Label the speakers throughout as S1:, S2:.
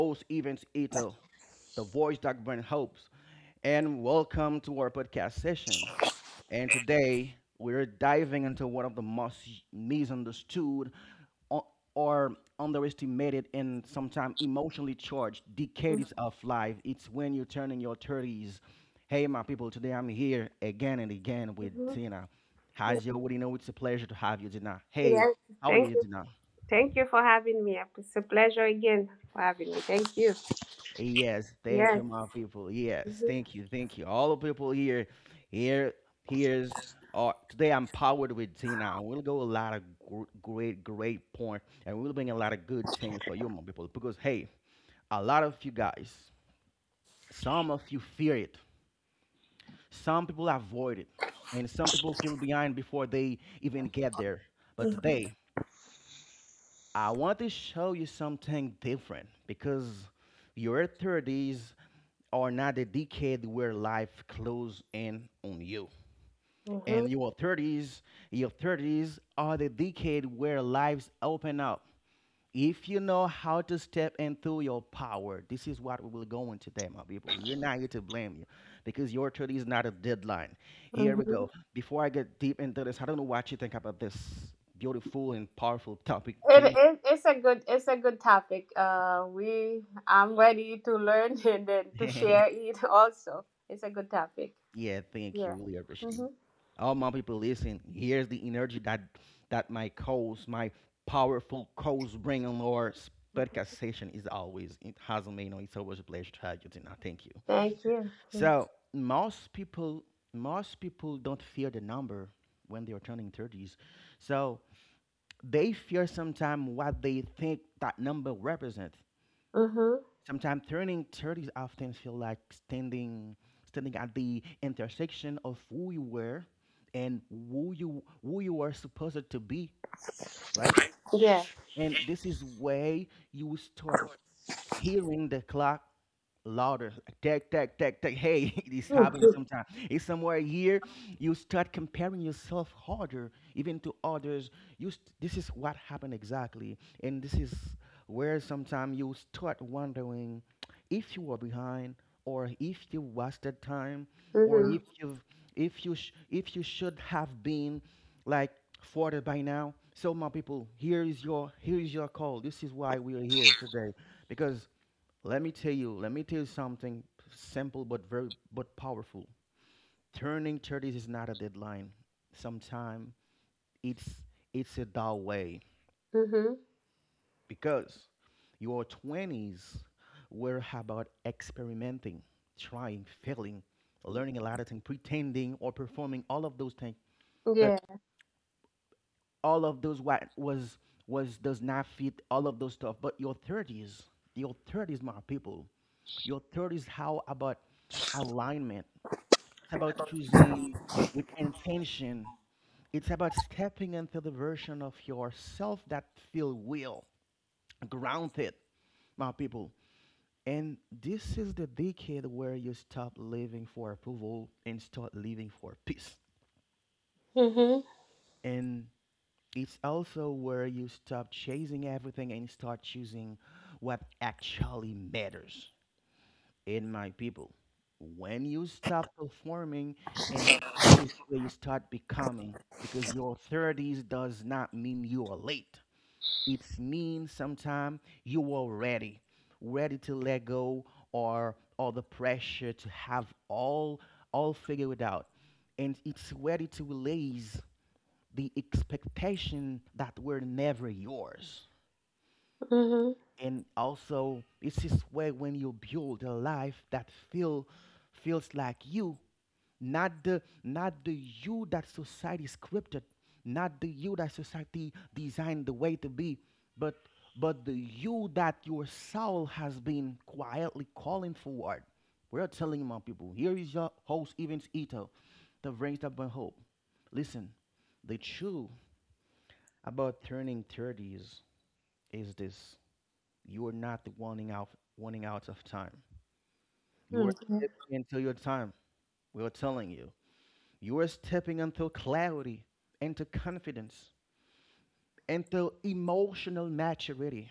S1: host, Evans Ito, the voice that brings hopes, and welcome to our podcast session. And today, we're diving into one of the most misunderstood o- or underestimated and sometimes emotionally charged decades of life. It's when you're turning your 30s. Hey, my people, today I'm here again and again with
S2: Mhm.
S1: Tina. As you already know, it's a pleasure to have you, Tina. Hey,
S2: Yes.
S1: how are
S2: Thank
S1: you,
S2: you.
S1: Tina?
S2: Thank you for having me. It's a pleasure again for having me. Thank you.
S1: Yes, thank
S2: Yes.
S1: you, my people. Yes,
S2: Mhm.
S1: thank you, thank you. All the people here, here's. Today I'm powered with Tina. We'll go a lot of great point, and we'll bring a lot of good things for you, my people. Because hey, a lot of you guys, some of you fear it, some people avoid it, and some people feel behind before they even get there. But
S2: Mhm.
S1: today, I want to show you something different, because your 30s are not the decade where life closes in on you.
S2: Mhm.
S1: And your 30s, your 30s are the decade where lives open up. If you know how to step into your power, this is what we will go into today, my people. We're not here to blame you, because your 30 is not a deadline. Here we
S2: Mhm.
S1: go. Before I get deep into this, I don't know what you think about this beautiful and powerful topic,
S2: It,
S1: Tina.
S2: it, it's a good topic. We I'm ready to learn and then to share it also. It's a good topic.
S1: Yeah, thank you,
S2: Yeah.
S1: really appreciate you.
S2: Mm-hmm.
S1: All my people, listen. Here's the energy that my coast, my powerful coast, bring on our podcast session is always. It hasn't made no. It's always a pleasure to have you tonight. Thank you.
S2: Thank you.
S1: So most people don't fear the number when they are turning 30s. So they fear sometimes what they think that number represents.
S2: Mm-hmm.
S1: Sometimes turning 30 often feel like standing at the intersection of who you were and who you are supposed to be, right?
S2: Yeah.
S1: And this is where you start hearing the clock louder, like, tick tick tick tick, hey. This happens
S2: Mm-hmm.
S1: sometimes. It's somewhere here you start comparing yourself harder even to others. This is what happened exactly. And this is where sometimes you start wondering if you are behind, or if you wasted time, or if you've if you sh- if you should have been like further by now. So my people, here is your call. This is why we are here today, because let me tell you something simple but powerful. Turning 30s is not a deadline. Sometimes it's it's a dull way,
S2: Mm-hmm.
S1: because your 20s were about experimenting, trying, failing, learning a lot of things, pretending or performing all of those things. But
S2: Yeah.
S1: all of those what was does not fit all of those stuff. But your 30s, my people, your 30s, how about alignment? It's about choosing with intention. It's about stepping into the version of yourself that feel real, grounded, my people. And this is the decade where you stop living for approval and start living for peace.
S2: Mm-hmm.
S1: And it's also where you stop chasing everything and start choosing what actually matters. In my people. When you stop performing, and this is where you start becoming, because your 30s does not mean you are late. It means sometimes you are ready, ready to let go or the pressure to have all figured out, and it's ready to release the expectation that were never yours, and also it's this way when you build a life that feels like you, not the you that society scripted, not the you that society designed the way to be, but but the you that your soul has been quietly calling forward. We're telling, my people, here is your host, Evans Ito, the brings up my hope. Listen, the truth about turning 30s is this: you are not the wanting out of time. You are
S2: Mm-hmm.
S1: stepping into your time. We are telling you. You are stepping into clarity, into confidence, into emotional maturity,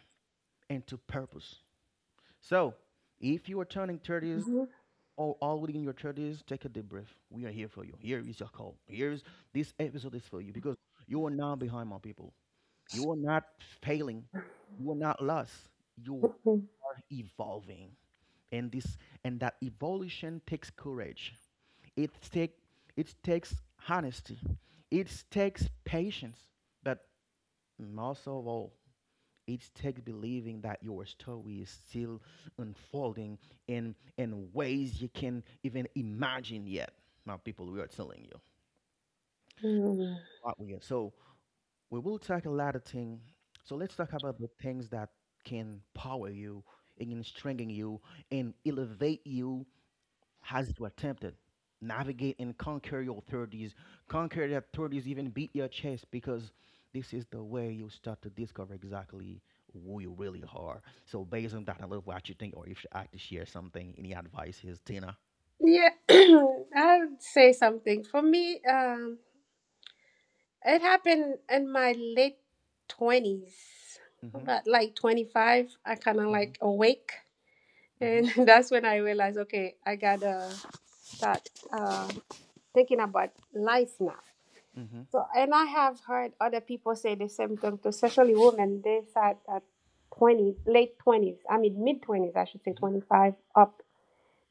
S1: into purpose. So if you are turning 30s or already in your 30s, take a deep breath. We are here for you. Here is your call. Here is This episode is for you, because you are not behind, my people. You are not failing. You are not lost. You are evolving. and this and that evolution takes courage. it take it takes honesty. It takes patience, but most of all it takes believing that your story is still unfolding in ways you can even imagine yet. Now, people, we are telling you
S2: Mm-hmm.
S1: what we are, so we will talk a lot of things. So let's talk about the things that can power you and can strengthen you and elevate you has to attempt it. Navigate and conquer your 30s. Conquer that 30s, even beat your chest, because this is the way you start to discover exactly who you really are. So, based on that, I love what you think, or if you had to share something, any advice is, Tina.
S2: Yeah, I'll say something. For me, it happened in my late 20s,
S1: Mm-hmm,
S2: about like 25. I kind of
S1: mm-hmm,
S2: like awake,
S1: mm-hmm,
S2: and that's when I realized, okay, I gotta start thinking about life now.
S1: mm-hmm,
S2: So, and I have heard other people say the same thing, to especially women. They start at twenty late 20s. I mean, mid 20s, I should say,
S1: mm-hmm.
S2: 25 up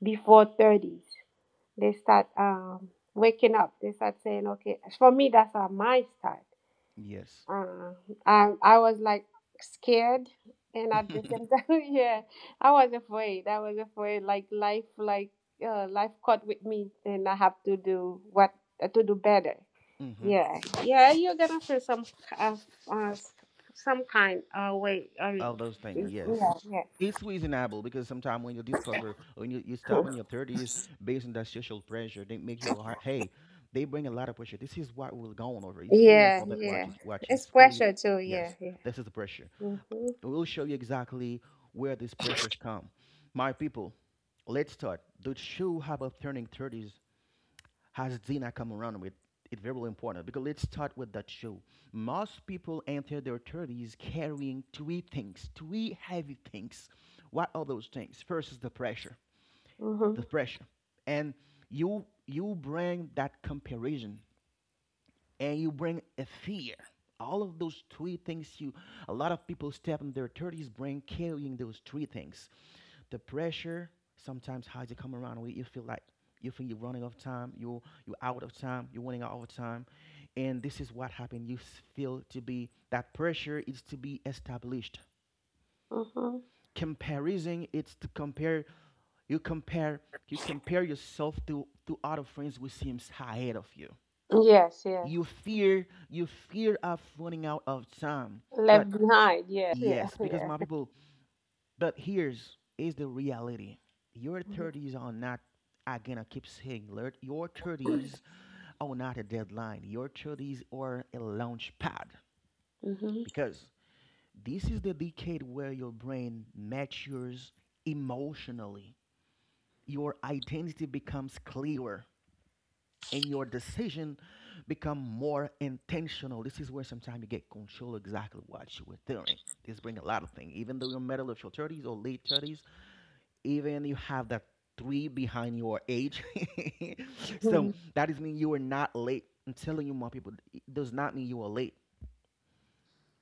S2: before 30s. They start waking up. They start saying, "Okay." For me, that's how mine start.
S1: Yes.
S2: Uh, I was like scared, and at the same time, yeah, I was afraid. I was afraid, like life caught with me, and I have to do what to do better.
S1: Mm-hmm.
S2: Yeah, yeah, you're gonna feel uh, uh, some kind way. I mean,
S1: Of those things,
S2: yeah,
S1: yes.
S2: yeah,
S1: It's reasonable, because sometimes when you discover, you stop in your 30s, based on that social pressure, they make you, hey, they bring a lot of pressure. This is what we're going over. It's really
S2: yeah,
S1: important. Watch
S2: yeah.
S1: it. Watch it.
S2: It's
S1: It's really,
S2: pressure too. Yeah,
S1: yes,
S2: yeah.
S1: this is the pressure.
S2: Mm-hmm.
S1: We'll show you exactly where these pressures come. My people, let's start. The true habit of turning 30s has Dina come around with. It's very important, because let's start with that show. Most people enter their 30s carrying three things, three heavy things. What are those things? First is the pressure, the
S2: Mm-hmm.
S1: pressure, and you bring that comparison, and you bring a fear. All of those three things, you, a lot of people step in their 30s bring carrying those three things. The pressure sometimes has to come around where you feel like you think you're running off time, you're out of time, you're running out of time, and this is what happened. You feel to be that pressure is to be established.
S2: Mm-hmm.
S1: Comparison, it's to compare. You compare. You compare yourself to other friends who seems ahead of you.
S2: Yes,
S1: You
S2: yes.
S1: fear. You fear of running out of time. But
S2: Left behind. Yes, yeah,
S1: yes, because
S2: yeah.
S1: my people, but here's is the reality. Your 30s are not. Again, I keep saying alert, your 30s are not a deadline. Your 30s are a launch pad,
S2: Mm-hmm.
S1: because this is the decade where your brain matures emotionally. Your identity becomes clearer and your decision become more intentional. This is where sometimes you get control exactly what you were doing. This bring a lot of things. Even though you're middle of your 30s or late 30s, even you have that three behind your age. So
S2: Mm-hmm.
S1: that is mean you are not late. I'm telling you, my people, it does not mean you are late.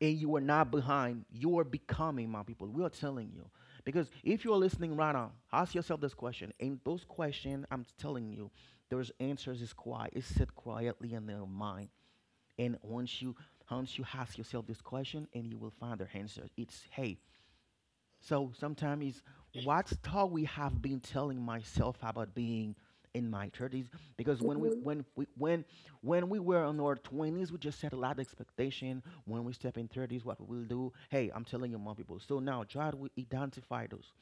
S1: And you are not behind. You are becoming, my people. We are telling you. Because if you are listening right now, ask yourself this question. And those questions, I'm telling you, those answers is quiet. It's sit quietly in their mind. And once you ask yourself this question, and you will find their answer. It's hey, so sometimes it's what story have been telling myself about being in my 30s. Because when we were in our 20s, we just set a lot of expectation. When we step in 30s, what we will do? Hey, I'm telling you, more people. So now try to identify those.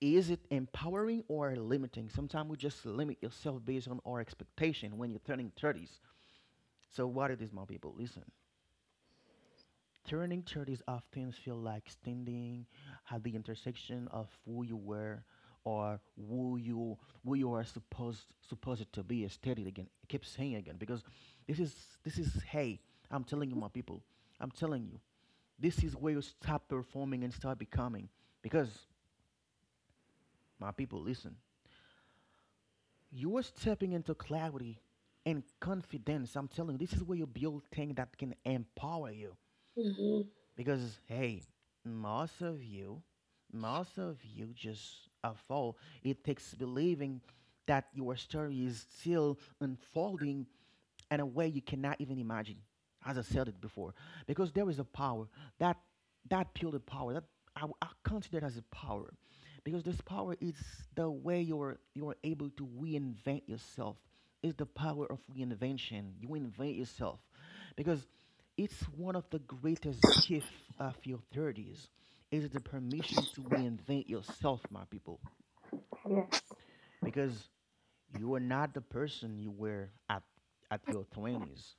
S1: Is it empowering or limiting? Sometimes we just limit yourself based on our expectation when you're turning 30s. So what it is, my people? Listen. Turning 30s often feel like standing at the intersection of who you were or who you who you are supposed to be. Stated again. I keep saying again, because this is this is hey, I'm telling you, my people. I'm telling you. This is where you stop performing and start becoming. Because my people, listen. You are stepping into clarity and confidence. I'm telling you, this is where you build things that can empower you.
S2: Mm-hmm.
S1: Because hey, most of you, most of you just are fall. It takes believing that your story is still unfolding in a way you cannot even imagine. As I said it before, because there is a power that that pure power that I consider it as a power, because this power is the way you're able to reinvent yourself. Is the power of reinvention. You invent yourself, because it's one of the greatest gifts of your 30s. Is the permission to reinvent yourself, my people,
S2: Yes.
S1: because you are not the person you were at your 20s.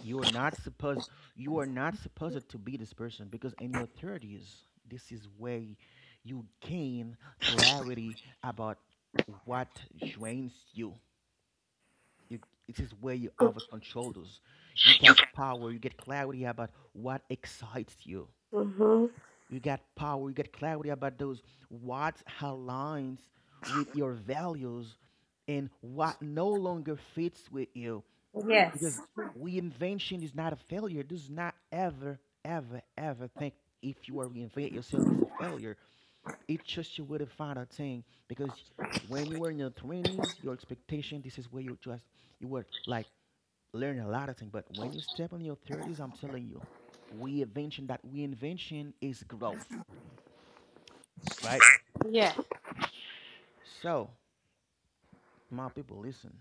S1: You are not supposed, you are not supposed to be this person because in your 30s, this is where you gain clarity about what drains you. you. It is where you over control those. You get power, you get clarity about what excites you.
S2: Mm-hmm.
S1: You get power, you get clarity about those what aligns with your values and what no longer fits with you,
S2: Yes.
S1: because reinvention is not a failure. Does not ever, ever, ever think if you are reinvent yourself is a failure. It's just you would have found a thing, because when you were in your twenties, your expectation, this is where you just you were like learning a lot of things. But when you step in your thirties, I'm telling you, reinvention that reinvention is growth, right?
S2: Yeah.
S1: So my people, listen.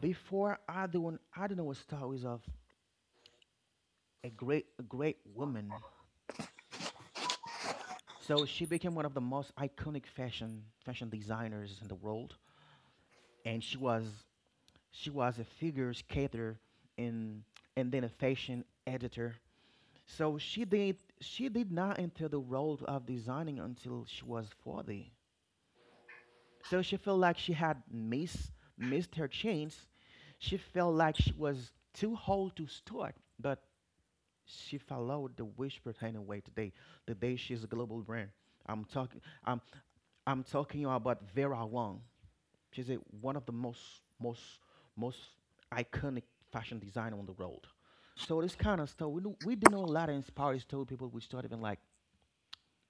S1: Before I do, I don't know what stories of a great woman. So she became one of the most iconic fashion designers in the world, and she was a figure skater and and then a fashion editor. So she did not enter the world of designing until she was 40. So she felt like she had missed her chance. She felt like she was too old to start, but she followed the whisper anyway today. Today she's a global brand. I'm talking. I'm talking about Vera Wang. She's a one of the most most iconic fashion designer on the world. So this kind of stuff, we do know a lot of inspiring story people which started even like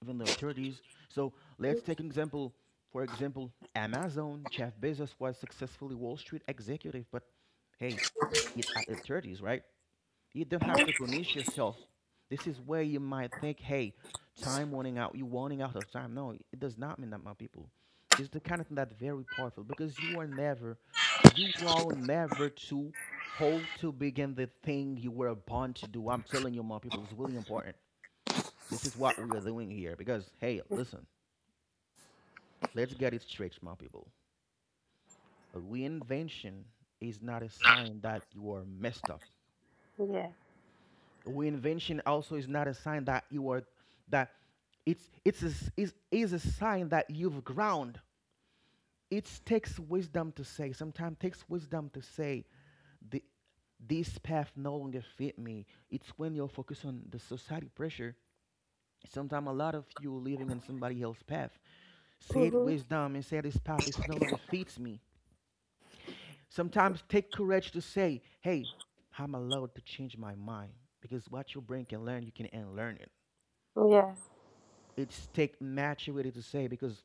S1: even the 30s. So let's take an example. For example, Amazon. Jeff Bezos was successfully Wall Street executive, but hey, it at the 30s, right? You don't have to punish yourself. This is where you might think, hey, time running out, you are running out of time. No, it does not mean that, my people. It's the kind of thing that's very powerful because you are never too old to begin the thing you were born to do. I'm telling you, my people, it's really important. This is what we are doing here because, hey, listen, let's get it straight, my people. A reinvention is not a sign that you are messed up.
S2: Yeah.
S1: Reinvention also is not a sign that you are that it's a, s- is a sign that you've ground. It takes wisdom to say. Sometimes takes wisdom to say the this path no longer fit me. It's when you're focused on the society pressure. Sometimes a lot of you living in somebody else's path. Say it
S2: Mm-hmm.
S1: wisdom and say this path is no longer fits me. Sometimes take courage to say, hey, I'm allowed to change my mind, because what your brain can learn, you can unlearn.
S2: Yeah.
S1: It's take maturity to say, because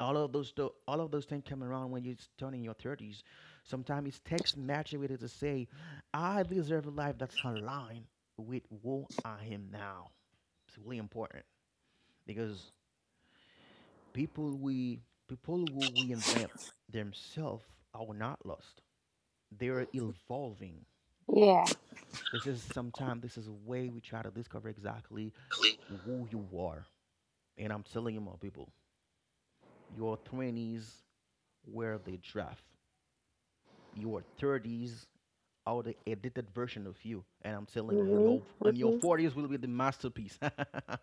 S1: all of all of those things come around when you're turning your 30s. Sometimes it takes maturity to say, I deserve a life that's aligned with who I am now. It's really important, because people, we people who we invent themselves are not lost, they're evolving.
S2: Yeah.
S1: This is sometimes this is a way we try to discover exactly who you are, and I'm telling you, my people, your 20s where they draft your 30s, all the edited version of you, and I'm telling you, in
S2: Mm-hmm.
S1: your
S2: Mm-hmm.
S1: 40s will be the masterpiece.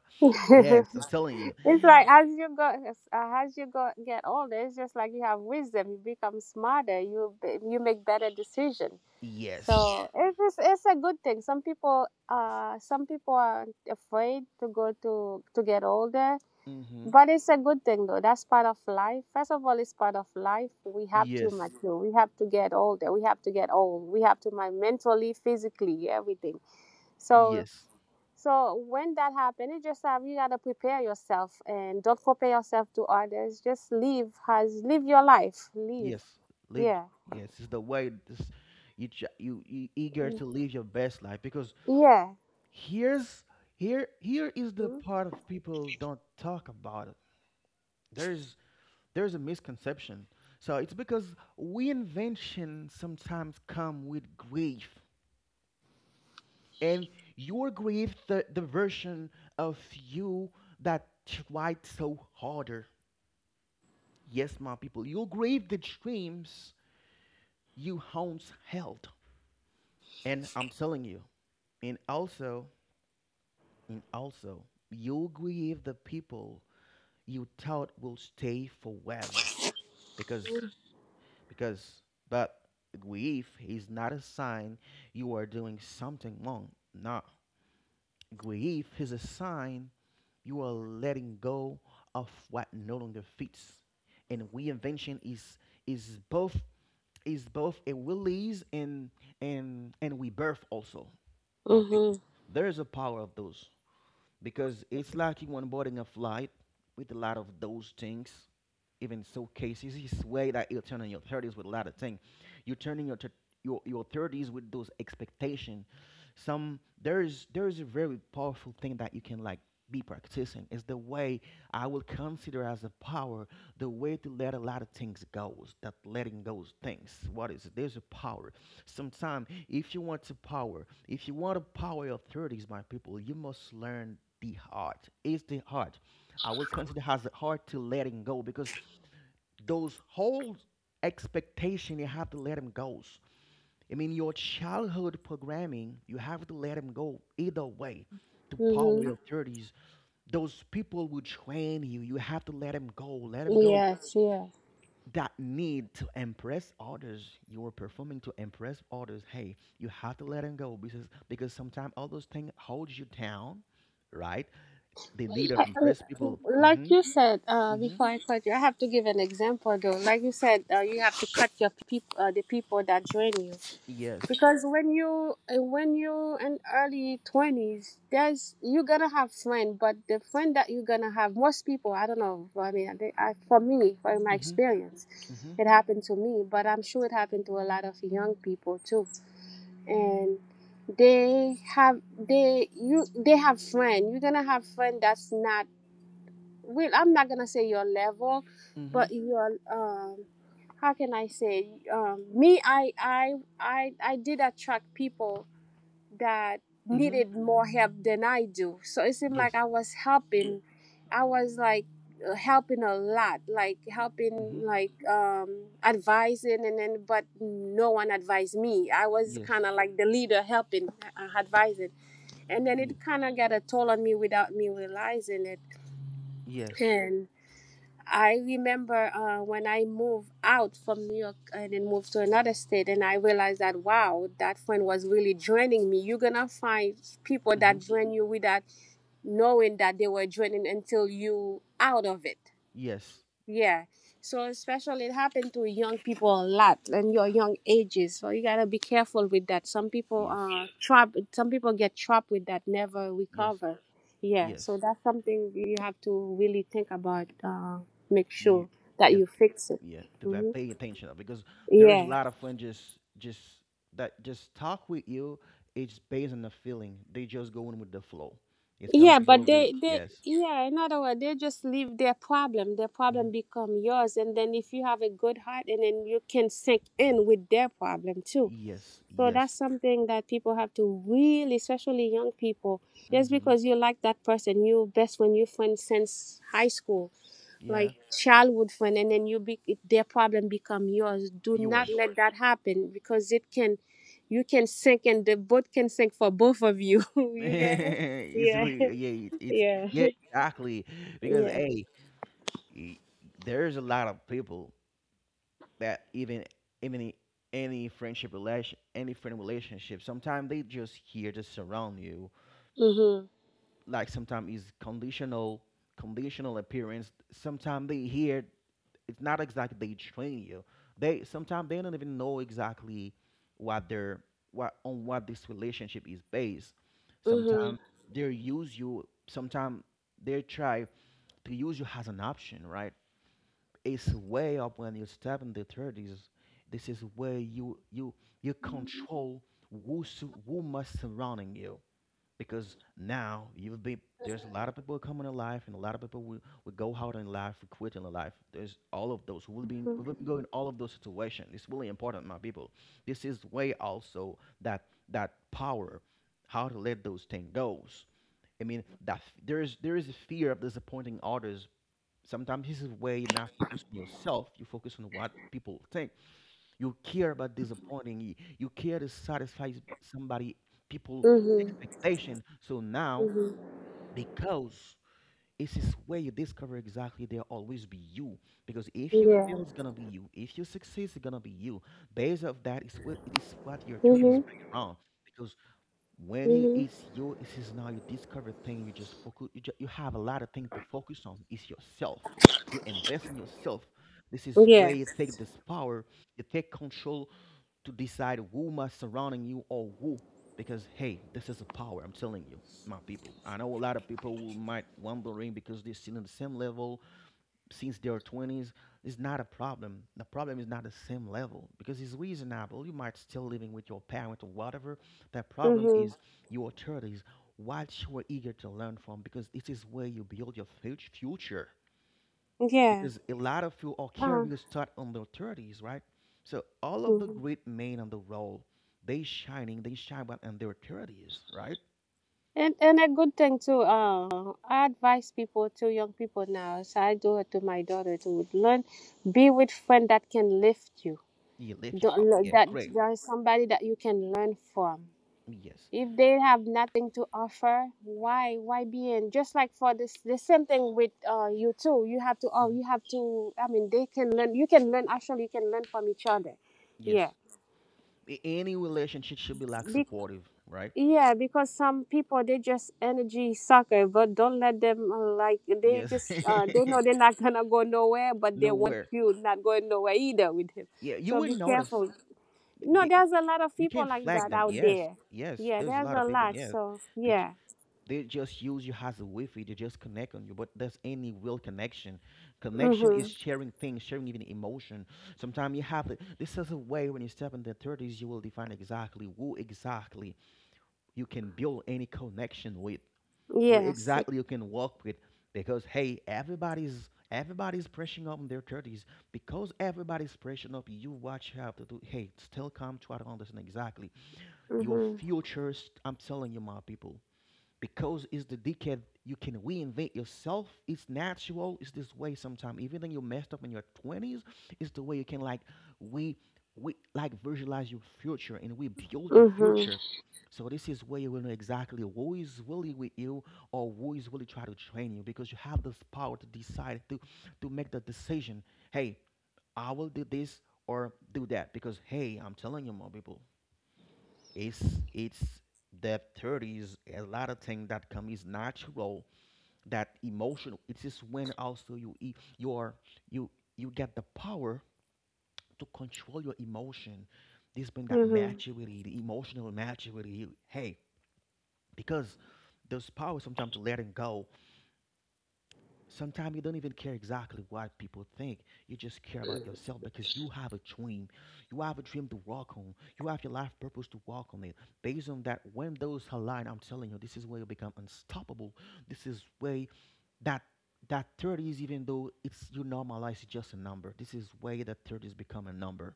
S1: Yes, I'm telling you,
S2: It's like as you go get older, it's just like you have wisdom. You become smarter. You make better decisions.
S1: yes.
S2: So it's a good thing. Some people are afraid to go to get older,
S1: Mm-hmm.
S2: but it's a good thing though. That's part of life. First of all, it's part of life. We have to
S1: Yes,
S2: mature. We have to get older. We have to get old. We have to mind mentally, physically, everything. So
S1: yes,
S2: so when that happens, it's just that you gotta prepare yourself and don't compare yourself to others. Just live your life. Live.
S1: yes, live,
S2: Yeah.
S1: yes. It's the way this you, you eager
S2: Mm.
S1: to live your best life, because
S2: Yeah.
S1: here's, here is the part of people don't talk about it. There's there's a misconception. So it's because we invention sometimes come with grief, and you're grief the version of you that tried so harder. Yes, my people, you'll grieve the dreams you once held. And I'm telling you, and also, and also, you'll grieve the people you thought will stay forever. Because, because, but grief is not a sign you are doing something wrong. Nah, grief is a sign you are letting go of what no longer fits. And reinvention is is both both a release and and rebirth also, my people.
S2: Mm-hmm.
S1: There is a power of those, because it's like you onboarding a flight with a lot of those things, even so cases this way that you turn in your 30s with a lot of things you turn in your your 30s with those expectations. Some there is a very powerful thing that you can like be practicing, is the way I will consider as a power, the way to let a lot of things go. That letting goes things, what is it? There's a power. Sometimes if you want to power, if you want to power your 30s, my people, you must learn the heart. It's the heart I will consider as the heart to letting go, because those whole expectation, you have to let them go. I mean, your childhood programming, you have to let them go. Either way to power
S2: Mm-hmm.
S1: your 30s, those people who train you, you have to let them go. Let them go,
S2: Yes, yeah.
S1: that need to impress others. You are performing to impress others, hey, you have to let them go, because sometimes all those things holds you down, right? The need of
S2: I-
S1: impress people. Mm-hmm.
S2: Like you said,
S1: Mm-hmm.
S2: before I cut you, I have to give an example though. Like you said, you have to cut your people, the people that drain you.
S1: Yes.
S2: Because when you in early 20s, there's, you're gonna have friend. But the friend that you're gonna have, most people, I don't know, I mean, for me, for my
S1: Mm-hmm.
S2: experience,
S1: Mm-hmm.
S2: it happened to me. But I'm sure it happened to a lot of young people too. And they have friend. You're gonna have friend that's not, well, I'm not gonna say your level, but
S1: Mm-hmm.
S2: your, how can I say, me I did attract people that
S1: Mm-hmm.
S2: needed more help than I do. So it seemed like
S1: Yes.
S2: I was helping. I was like helping a lot, like helping,
S1: Mm-hmm.
S2: like, advising. And then but no one advised me. I was
S1: Yes.
S2: kind of like the leader, helping, advising. And then
S1: Yeah.
S2: it kind of got a toll on me without me realizing it.
S1: Yes.
S2: And I remember when I moved out from New York and then moved to another state, and I realized that, wow, that friend was really draining me. You're gonna find people
S1: Mm-hmm.
S2: that drain you without knowing that they were draining until you out of it.
S1: Yes.
S2: Yeah. So especially it happened to young people a lot and your young ages. So you gotta be careful with that.
S1: Yes.
S2: Some people get trapped with that, never
S1: Yes.
S2: recover. Yeah. So
S1: Yes.
S2: that's something you have to really think about, make sure
S1: Me.
S2: that
S1: Yes.
S2: you fix it.
S1: Yeah. To I
S2: Hmm.
S1: pay attention, because there is a
S2: Yeah.
S1: lot of friends just that just talk with you. It's based on the feeling. They just going with the flow. It's kind of
S2: Yeah, but
S1: people. They,
S2: they
S1: yes.
S2: yeah, in other words, they just leave their problem. Their
S1: Mm-hmm.
S2: problem become yours, and then if you have a good heart and then you can sink in with their problem too.
S1: Yes.
S2: So that's
S1: Yes.
S2: something that people have to really, especially young people, just
S1: Mm-hmm.
S2: because you like that person, you best when you friend since high school,
S1: Yeah.
S2: like childhood friend, and then you be their problem become yours. Do not
S1: Yours.
S2: let that happen, because you can sink and the boat can sink for both of you. You get it?
S1: It's
S2: Yeah,
S1: really yeah. It's yeah.
S2: yeah,
S1: Exactly. Because
S2: yeah.
S1: hey, y- there's a lot of people that even any friendship relation, any friend relationship, sometimes they just here to surround you,
S2: Mhm,
S1: like sometimes it's conditional, conditional appearance, sometimes they here, it's not exactly they train you, they sometimes they don't even know exactly what their what on what this relationship is based.
S2: mhm,
S1: Sometimes they use you, sometimes they try to use you as an option, right? It's way up when you step in the 30s, this is where you control who must surrounding you, because now you've been, there's a lot of people coming in life, and a lot of people will go out in life, will quit in life. There's all of those who will be who will go in all of those situations. It's really important, my people, this is way also that that power, how to let those things goes. I mean, there is a fear of disappointing others. Sometimes this is where you're not focused on yourself, you focus on what people think, you care about disappointing you care to satisfy somebody people
S2: mhm,
S1: expectation. So now,
S2: mhm.
S1: because this is where you discover exactly there always be you, because if you
S2: Yeah.
S1: fail, it's gonna be you, if you succeed, it's gonna be you. Based of that, it's what it is what your 30s
S2: Mhm,
S1: bring around, because when you,
S2: mhm.
S1: it's your it is now you discover thing, you just focus you, ju- you have a lot of things to focus on. It's yourself, you invest in yourself. This is where
S2: Yeah.
S1: you take this power, you take control to decide who must surrounding you or who, because hey, this is a power. I'm telling you, my people, I know a lot of people who might wondering because they're still in the same level since their 20s, is not a problem. The problem is not the same level, because it's reasonable. You might still living with your parents or whatever. The problem
S2: Mhm.
S1: is your 30s, what you are eager to learn from, because this is where you build your future.
S2: Yeah.
S1: Because a lot of you are
S2: Ah.
S1: careers start on their 30s, right? So all of the great men on the roll, they shining, they shine out in their 30s, right?
S2: And a good thing too. I advise people to young people now. So I do it to my daughter to learn, be with friend that can lift you.
S1: You lift you
S2: Don't,
S1: up.
S2: le-
S1: Yeah,
S2: that
S1: great.
S2: there is somebody that you can learn from.
S1: Yes.
S2: If they have nothing to offer, why be in? Just like for this, the same thing with you too.
S1: Hmm.
S2: You have to. I mean they can learn. You can learn. Actually, you can learn from each other. Yeah.
S1: Yes. Any relationship should be like supportive, right?
S2: Yeah, because some people they just energy sucker, but don't let them like
S1: Yes.
S2: they know they're not gonna go nowhere, but they want
S1: Nowhere.
S2: you not going nowhere either with him.
S1: Yeah, you
S2: So be
S1: wouldn't notice.
S2: careful. No,
S1: They,
S2: there's a lot of
S1: you
S2: people
S1: can't
S2: like
S1: flag
S2: that
S1: them.
S2: out
S1: Yes.
S2: there.
S1: Yes.
S2: Yeah,
S1: There's a
S2: there's
S1: lot
S2: a
S1: of people.
S2: lot.
S1: Yeah.
S2: So
S1: They j-
S2: yeah.
S1: they just use you as a Wi-Fi. They just connect on you, but there's any real connection. Connection is
S2: Mhm.
S1: sharing things, sharing even emotion. Sometimes you have to. This is a way when you step in the 30s, you will define exactly who exactly you can build any connection with. Where
S2: Yes.
S1: exactly you can walk with. Because hey, everybody's pressing up in their 30s. Because everybody's pressing up, you watch, you have to do. Hey, still come try to understand exactly your
S2: Mhm.
S1: I'm telling you, my people, because it's the decade you can reinvent yourself. It's natural. It's this way. Sometimes even when you messed up in your 20s, it's the way you can, like, we we like visualize your future and we build your
S2: Mhm.
S1: future. So this is where you will know exactly who is really with you or who is really trying to train you, because you have this power to decide, to make the decision. Hey, I will do this or do that. Because hey, I'm telling you more people, it's it's the 30s. A lot of things that come is natural, that emotional. It's just when also you are, you you get the power to control your emotion. This bring that
S2: Mhm.
S1: maturity, the emotional maturity. You, hey, because there's power sometimes to letting go. Sometimes you don't even care exactly what people think. You just care about yourself because you have a dream. You have a dream to walk on. You have your life purpose to walk on it. Based on that, when those align, I'm telling you, this is where you become unstoppable. This is way that that 30s, even though it's, you normalize, it's just a number. This is way that 30s become a number,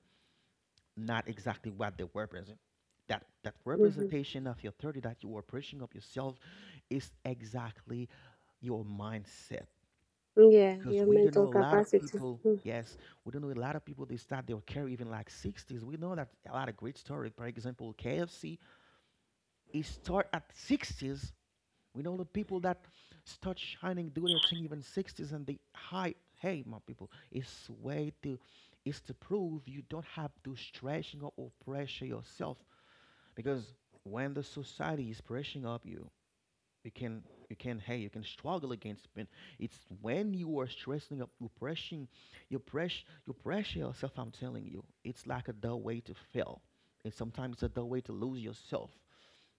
S1: not exactly what they represent. That
S2: Mhm.
S1: representation of your 30 that you are pushing up yourself is exactly your mindset.
S2: Yeah,
S1: Because
S2: your
S1: we don't know
S2: mental
S1: a lot of
S2: capacity.
S1: people.
S2: Mm.
S1: Yes, we don't know a lot of people. They start their career even like 60s. We know that a lot of great stories. For example, KFC. It start at 60s. We know the people that start shining, do their thing even 60s, and they high. Hey, my people, it's way to, it's to prove you don't have to stretching or pressure yourself. Because when the society is pressuring up you, you can, you can hey, you can struggle against pain. It's when you are stressing up, you're pressing, you press you pressure yourself. I'm telling you, it's like a dull way to fail, and sometimes it's a dull way to lose yourself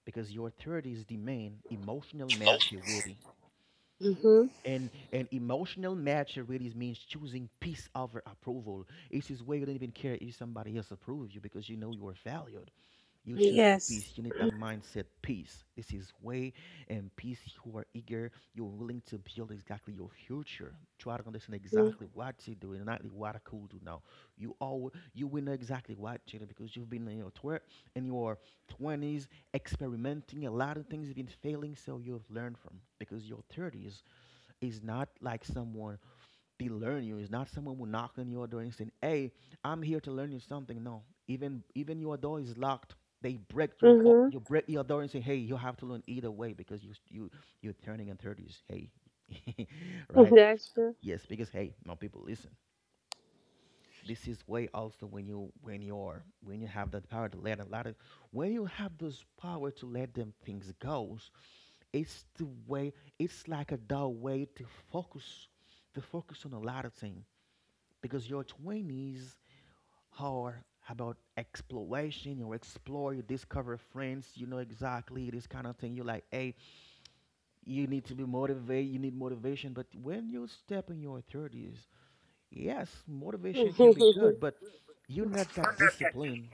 S1: because your thirties demand emotional maturity.
S2: Mhm.
S1: And emotional maturity means choosing peace over approval. It is where you don't even care if somebody else approves you, because you know you are valued. You choose to
S2: Yes.
S1: peace. You need that mindset, peace. This is way, and peace. You are eager. You're willing to build exactly your future. Try to understand
S2: Mm.
S1: exactly what to do, and not what I could do now. You, all you will know exactly what to do, because you've been in your in your twenties experimenting a lot of things, you've been failing, so you've learned from. Because your thirties is not like someone they learn you. It's not someone who knock on your door and saying, "Hey, I'm here to learn you something." No, even even your door is locked. They break your
S2: Mhm.
S1: you break your door and say, "Hey, you have to learn either way, because you you're turning in thirties." Hey, right?
S2: That's true.
S1: Yes, because hey, no people listen. This is way also when you, when you have that power to let a lot of, when you have this power to let them things goes. It's the way. It's like a dull way to focus, to focus on a lot of things, because your 20s are about exploration. You explore, you discover friends, you know exactly this kind of thing. You're like, hey, you need to be motivated, you need motivation. But when you step in your 30s. Yes, motivation can be good, but you need that discipline.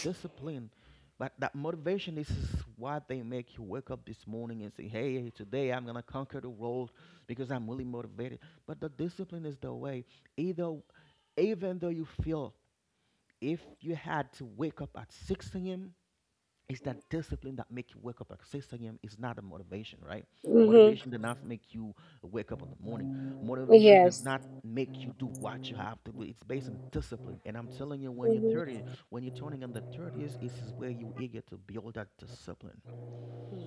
S1: Discipline. But that motivation, this is what they make you wake up this morning and say, hey, today I'm gonna conquer the world because I'm really motivated. But the discipline is the way. Either even though you feel, if you had to wake up at six AM, it's that discipline that make you wake up at 6 a.m. is not a motivation, right?
S2: Mhm.
S1: Motivation does not make you wake up in the morning. Motivation does
S2: Yes.
S1: not make you do what you have to do. It's based on discipline. And I'm telling you, when you're
S2: Hmm.
S1: 30, when you're turning in the 30s, this is where you eager to build that discipline.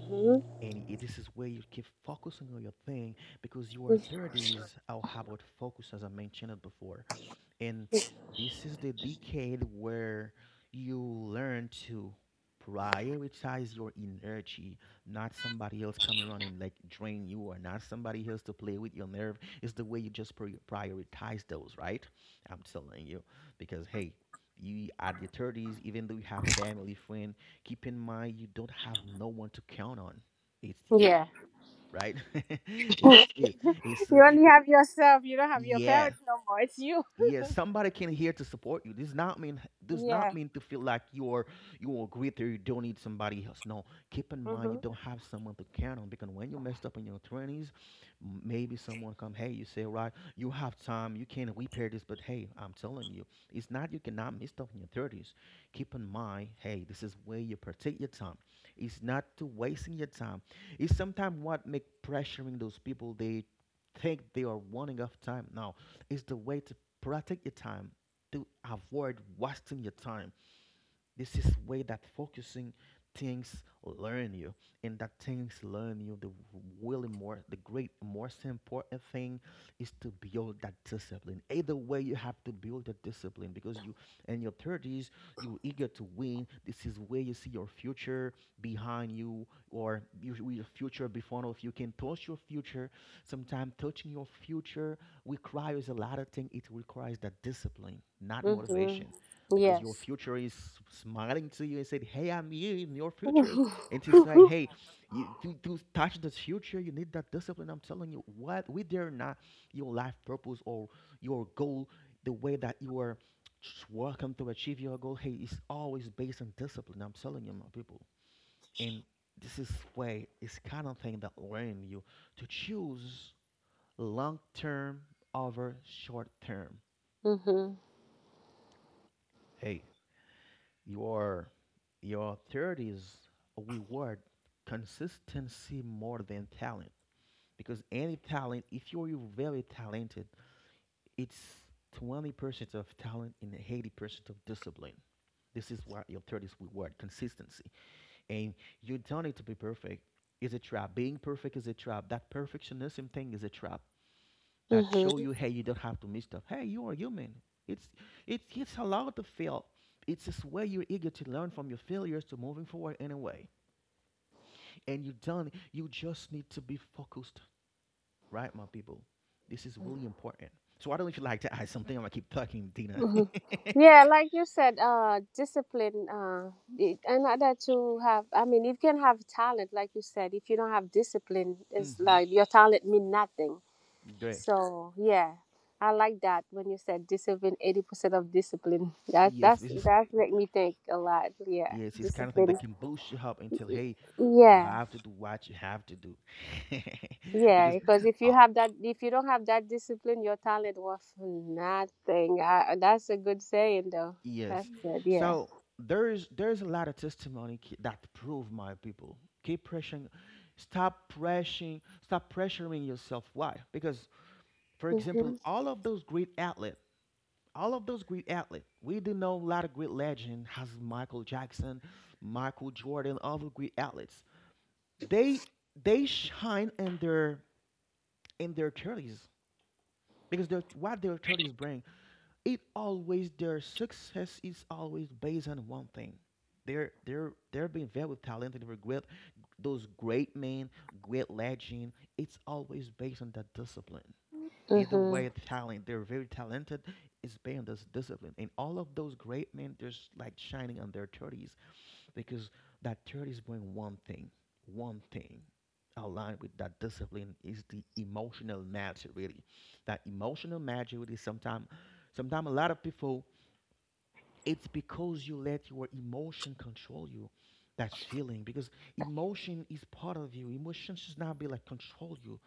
S2: Hmm.
S1: And this is where you keep focusing on your thing because you are 30s. I'll have about focus, as I mentioned it before? And this is the decade where you learn to prioritize your energy, not somebody else coming around and like drain you, or not somebody else to play with your nerve. It's the way you just prioritize those, right? I'm telling you. Because hey, you at the 30s, even though you have family, friend, keep in mind you don't have no one to count on. It's you,
S2: Yeah.
S1: right? it's you. It's
S2: You only
S1: it,
S2: have yourself. You don't have your
S1: yeah.
S2: parents no more. It's you.
S1: Yes, somebody can here to support you does not mean, does not
S2: Yeah.
S1: mean to feel like you're greater, you don't need somebody else. No, keep in mind you
S2: Mhm.
S1: don't have someone to count on. Because when you messed up in your 20s, maybe someone come, hey, you say right, you have time, you can repair this. But hey, I'm telling you, it's not, you cannot mess up in your 30s. Keep in mind, hey, this is where you protect your time. It's not to wasting your time. It's sometimes what make pressuring those people, they think they are running off time. Now, it's the way to protect your time, to avoid wasting your time. This is way that focusing things learn you, and that things learn you. The really more, the great, most important thing is to build that discipline. Either way, you have to build the discipline, because you, in your thirties, you're eager to win. This is where you see your future behind you, or you, your future before of you can touch your future. Sometimes touching your future requires a lot of things. It requires that discipline, not
S2: Mhm.
S1: motivation. Because your
S2: Yes.
S1: future is smiling to you and said, "Hey, I'm you in your futures." And to say,
S2: Mhm.
S1: "Hey, you to touch this future, you need that discipline." I'm telling you, what we dare not your life purpose or your goal, the way that you are just working to achieve your goal. Hey, it's always based on discipline. I'm telling you, my people, and this is way it's kind of thing that learn you to choose long term over short term.
S2: Mhm.
S1: Hey, your thirties reward consistency more than talent. Because any talent, if you're very talented, it's 20% of talent and 80% of discipline. This is what your thirties reward consistency, and you don't need to be perfect. Is a trap. Being perfect is a trap. That perfectionism thing is a trap that show you, hey, you don't have to miss stuff. Hey, you are human. It's it's allowed to fail. It's this way you're eager to learn from your failures, to moving forward anyway. And you done. You just need to be focused, right, my people? This is really important. So I don't know if you like to add something. I'm gonna keep talking, Dina.
S2: Mhm. Yeah, like you said, discipline. In order to have, I mean, if you can have talent, like you said, if you don't have discipline, it's
S1: hmm
S2: like your talent mean nothing.
S1: Great.
S2: So yeah, I like that when you said discipline, 80% of discipline. That
S1: Yes,
S2: that's
S1: this is
S2: that's make me think a lot. Yeah,
S1: yes, it's kind of thing
S2: discipline.
S1: that can boost you up until hey, you
S2: Yeah,
S1: have to do what you have to do.
S2: yeah.
S1: because
S2: Because if you have that, if you don't have that discipline, your talent worth nothing. That's a good saying though.
S1: yes.
S2: That's good. Yeah.
S1: So there's a lot of testimony that prove my people. Keep pressuring, stop pressuring, stop pressuring yourself. Why? Because for
S2: Mhm.
S1: example, all of those great athletes, all of those great athletes, we do know a lot of great legend has Michael Jackson, Michael Jordan, all the great athletes. They they shine in their thirties because they're what their thirties bring. It always their success is always based on one thing. They're being very talented with great those great men, great legend. It's always based on that discipline. Either
S2: Mhm.
S1: way, talent. They're very talented. It's based on this discipline. And all of those great men, they're like shining on their thirties, because that thirties bring one thing aligned with that discipline is the emotional maturity. That emotional maturity, sometimes a lot of people, it's because you let your emotion control you. That's feeling, because emotion is part of you. Emotion should not be like control you.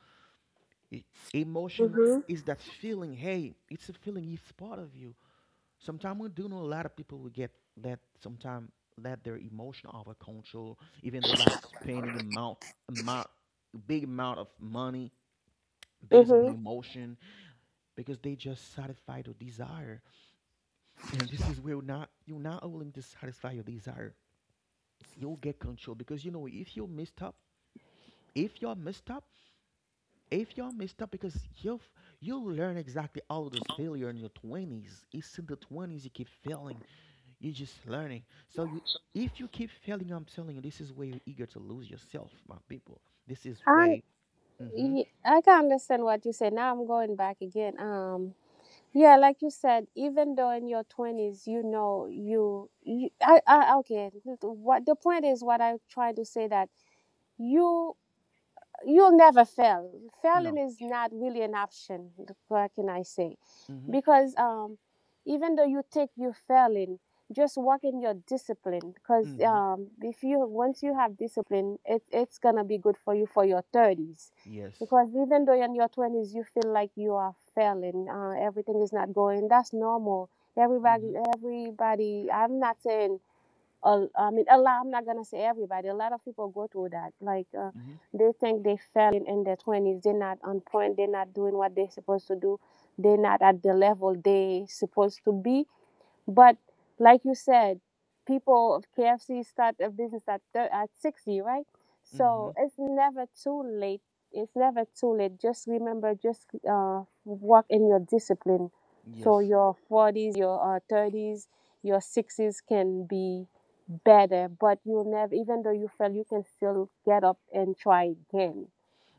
S1: E- Emotion
S2: Mhm.
S1: is that feeling. Hey, it's a feeling. It's part of you. Sometimes we do know a lot of people will get that. Sometimes let their emotion over control, even though like spending amount big amount of money based on the
S2: Mhm.
S1: emotion because they just satisfy your desire. And this is where not you're not willing to satisfy your desire you'll get control. Because you know, if you're messed up if you're messed up, because you will you'll learn exactly all of this failure in your 20s. It's in the 20s you keep failing, you're just learning. So you if you keep failing, I'm telling you, this is where you're eager to lose yourself, my people. This is
S2: And
S1: way. Mm-hmm.
S2: I can understand what you say. Now I'm going back again. Yeah, like you said, even though in your 20s, okay. What the point is, what I'm trying to say that you you'll never fail. Failing
S1: No.
S2: is not really an option. What can I say?
S1: Mm-hmm.
S2: Because even though you think you're failing, just work in your discipline. Because
S1: Mm-hmm.
S2: if you once you have discipline, it's gonna be good for you for your 30s.
S1: Yes.
S2: Because even though in your 20s you feel like you are failing, everything is not going. That's normal.
S1: Mm-hmm.
S2: Everybody, everybody. I mean, a lot, I'm not gonna say everybody. A lot of people go through that. Like
S1: Mm-hmm.
S2: they think they failing in their 20s. They're not on point. They're not doing what they're supposed to do. They're not at the level they supposed to be, but like you said, people of KFC start a business at at 60, right?
S1: Mm-hmm.
S2: So it's never too late. It's never too late. Just remember, just work in your discipline. So
S1: Yes,
S2: your 40s, your 30s, your 60s can be better, but you'll never, even though you fail, you can still get up and try again.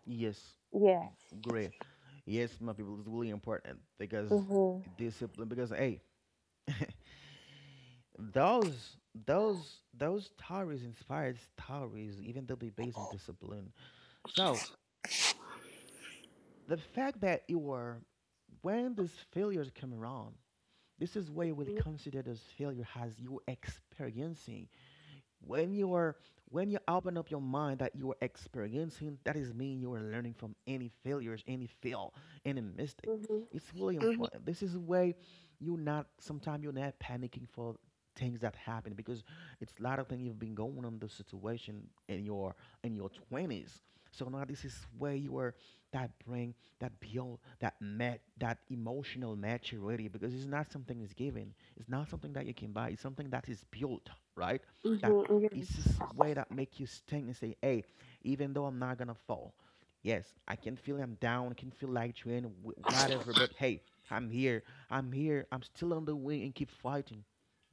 S1: yes,
S2: Yeah.
S1: great, yes, my people. It's really important because
S2: Mm-hmm.
S1: discipline. Because hey, Those those stories, inspired stories, even though they based on discipline. So the fact that you are when these failures come around, this is where you will consider this failure as you experiencing. When you are when you open up your mind that you are experiencing, that is mean you are learning from any failures, any mistake.
S2: Mm-hmm.
S1: It's really
S2: Mm-hmm.
S1: important. This is a way you not sometimes you're not panicking for things that happen, because it's a lot of things you've been going on, the situation in your in your 20s. So now this is where you are, that bring, that build, that emotional maturity. Because it's not something is given, it's not something that you can buy, it's something that is built, right?
S2: Mm-hmm.
S1: That
S2: Mm-hmm.
S1: it's this way that make you sting and say, "Hey, even though I'm not gonna fall, yes, I can feel I'm down, I can feel like drain, whatever. But hey, I'm here, I'm here, I'm still on the way and keep fighting."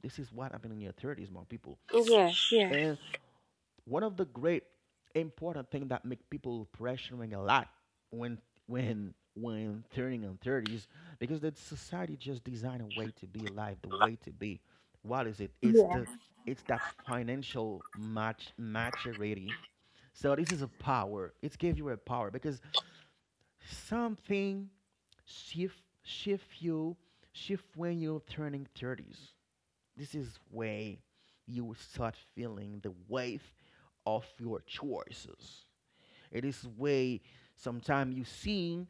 S1: This is what happened in your thirties, my people.
S2: Yes. Yes. Yeah.
S1: And one of the great important things that make people pressuring a lot, when when turning on 30s, because the society just designed a way to be alive, the way to be, what is it,
S2: Yeah.
S1: it's that financial match maturity. So this is a power, it's give you a power, because something shift you shift when you're turning 30s. This is way you start feeling the wave of your choices. It is way sometimes you see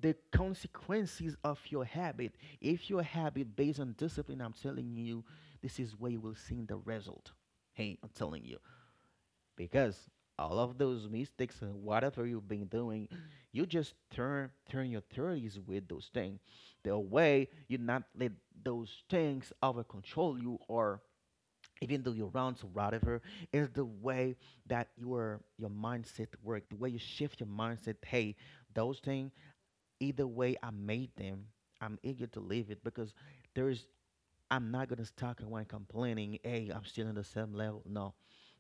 S1: the consequences of your habit. If your habit based on discipline, I'm telling you, this is where you will see the result. Hey, I'm telling you. Because all of those mistakes and whatever you've been doing, you just turn your thirties with those things. The way you not let those things over control you, or even though you're your rounds or whatever, is the way that your mindset work, the way you shift your mindset. Hey, those things, either way I made them, I'm eager to leave it, because there is I'm not gonna stuck around complaining, "Hey, I'm still in the same level." No,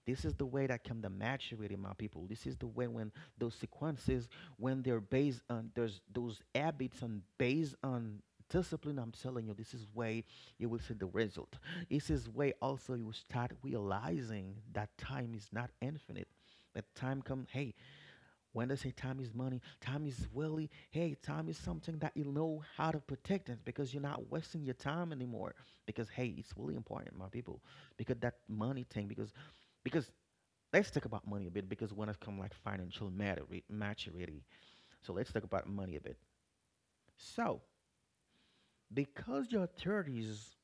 S1: this is the way that come the maturity, my people. This is the way when those sequences, when they're based on there's those habits and based on discipline, I'm telling you, this is way you will see the result. This is way also you will start realizing that time is not infinite. That time come, hey, when they say time is money, time is really, hey, time is something that you know how to protect it, because you're not wasting your time anymore. Because hey, it's really important, my people. Because that money thing, because let's talk about money a bit. Because when it comes like financial maturity. So let's talk about money a bit. So because your thirties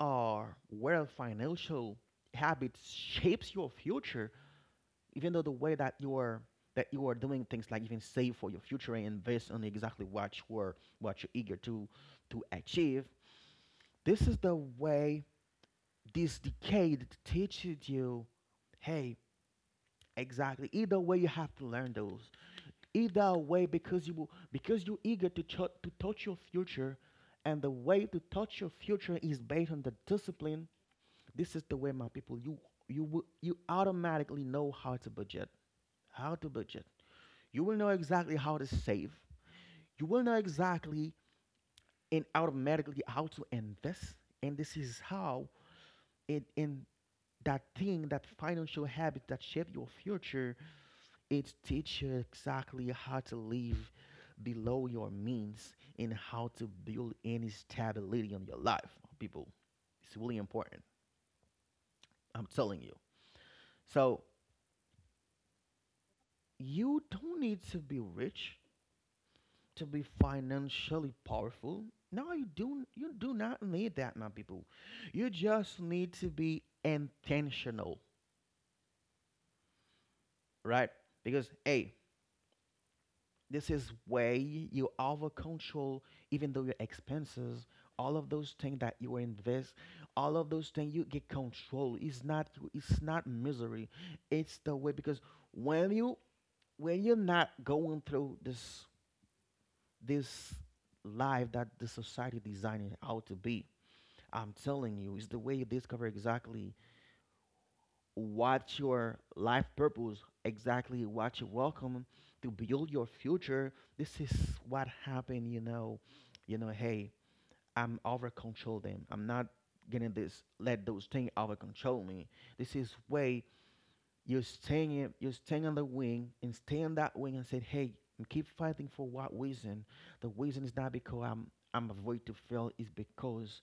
S1: are where financial habits shapes your future. Even though the way that you are doing things, like even save for your future and invest on exactly what you're eager to achieve. This is the way, this decade teaches you, hey, exactly either way you have to learn those, either way, because you will because you're eager to to touch your future. And the way to touch your future is based on the discipline. This is the way, my people, you automatically know how to budget. You will know exactly how to save. You will know exactly and automatically how to invest. And this is how it, in that thing, that financial habit that shape your future, it teaches you exactly how to live below your means and how to build any stability on your life, people. It's really important, I'm telling you. So you don't need to be rich to be financially powerful. No, you do not need that, my people. You just need to be intentional, right? Because hey, this is way you over control, even though your expenses, all of those things that you invest, all of those things you get control. It's not misery. It's the way, because when you when you're not going through this life that the society designed it out to be, I'm telling you, it's the way you discover exactly what your life purpose, exactly what you welcome to build your future. This is what happened. Hey, I'm over control them. I'm not gonna this let those things over control me. This is way you're staying on the wing, and stay on that wing and say, hey, and keep fighting. For what reason? The reason is not because I'm afraid to fail, it's because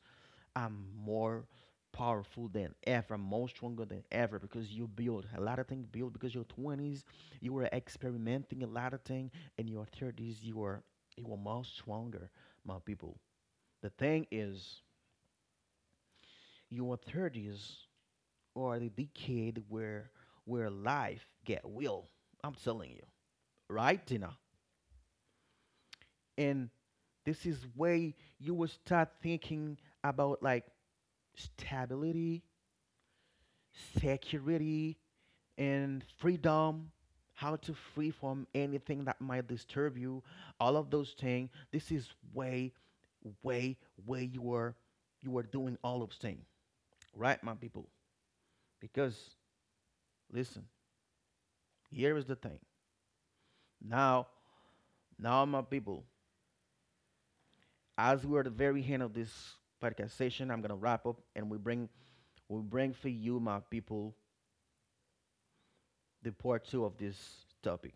S1: I'm more powerful than ever. I'm more stronger than ever, because you build a lot of things. Build, because your twenties, you were experimenting a lot of things. In your thirties, you were more stronger, my people. The thing is, your thirties are the decade where life get real. I'm telling you, right, Tina? And this is where you will start thinking about like stability, security, and freedom, how to free from anything that might disturb you, all of those things. This is way, way you are doing all of things, right, my people? Because listen, here is the thing. Now, now, my people, as we are at the very end of this podcast session, I'm gonna wrap up and we bring for you, my people, the part two of this topic.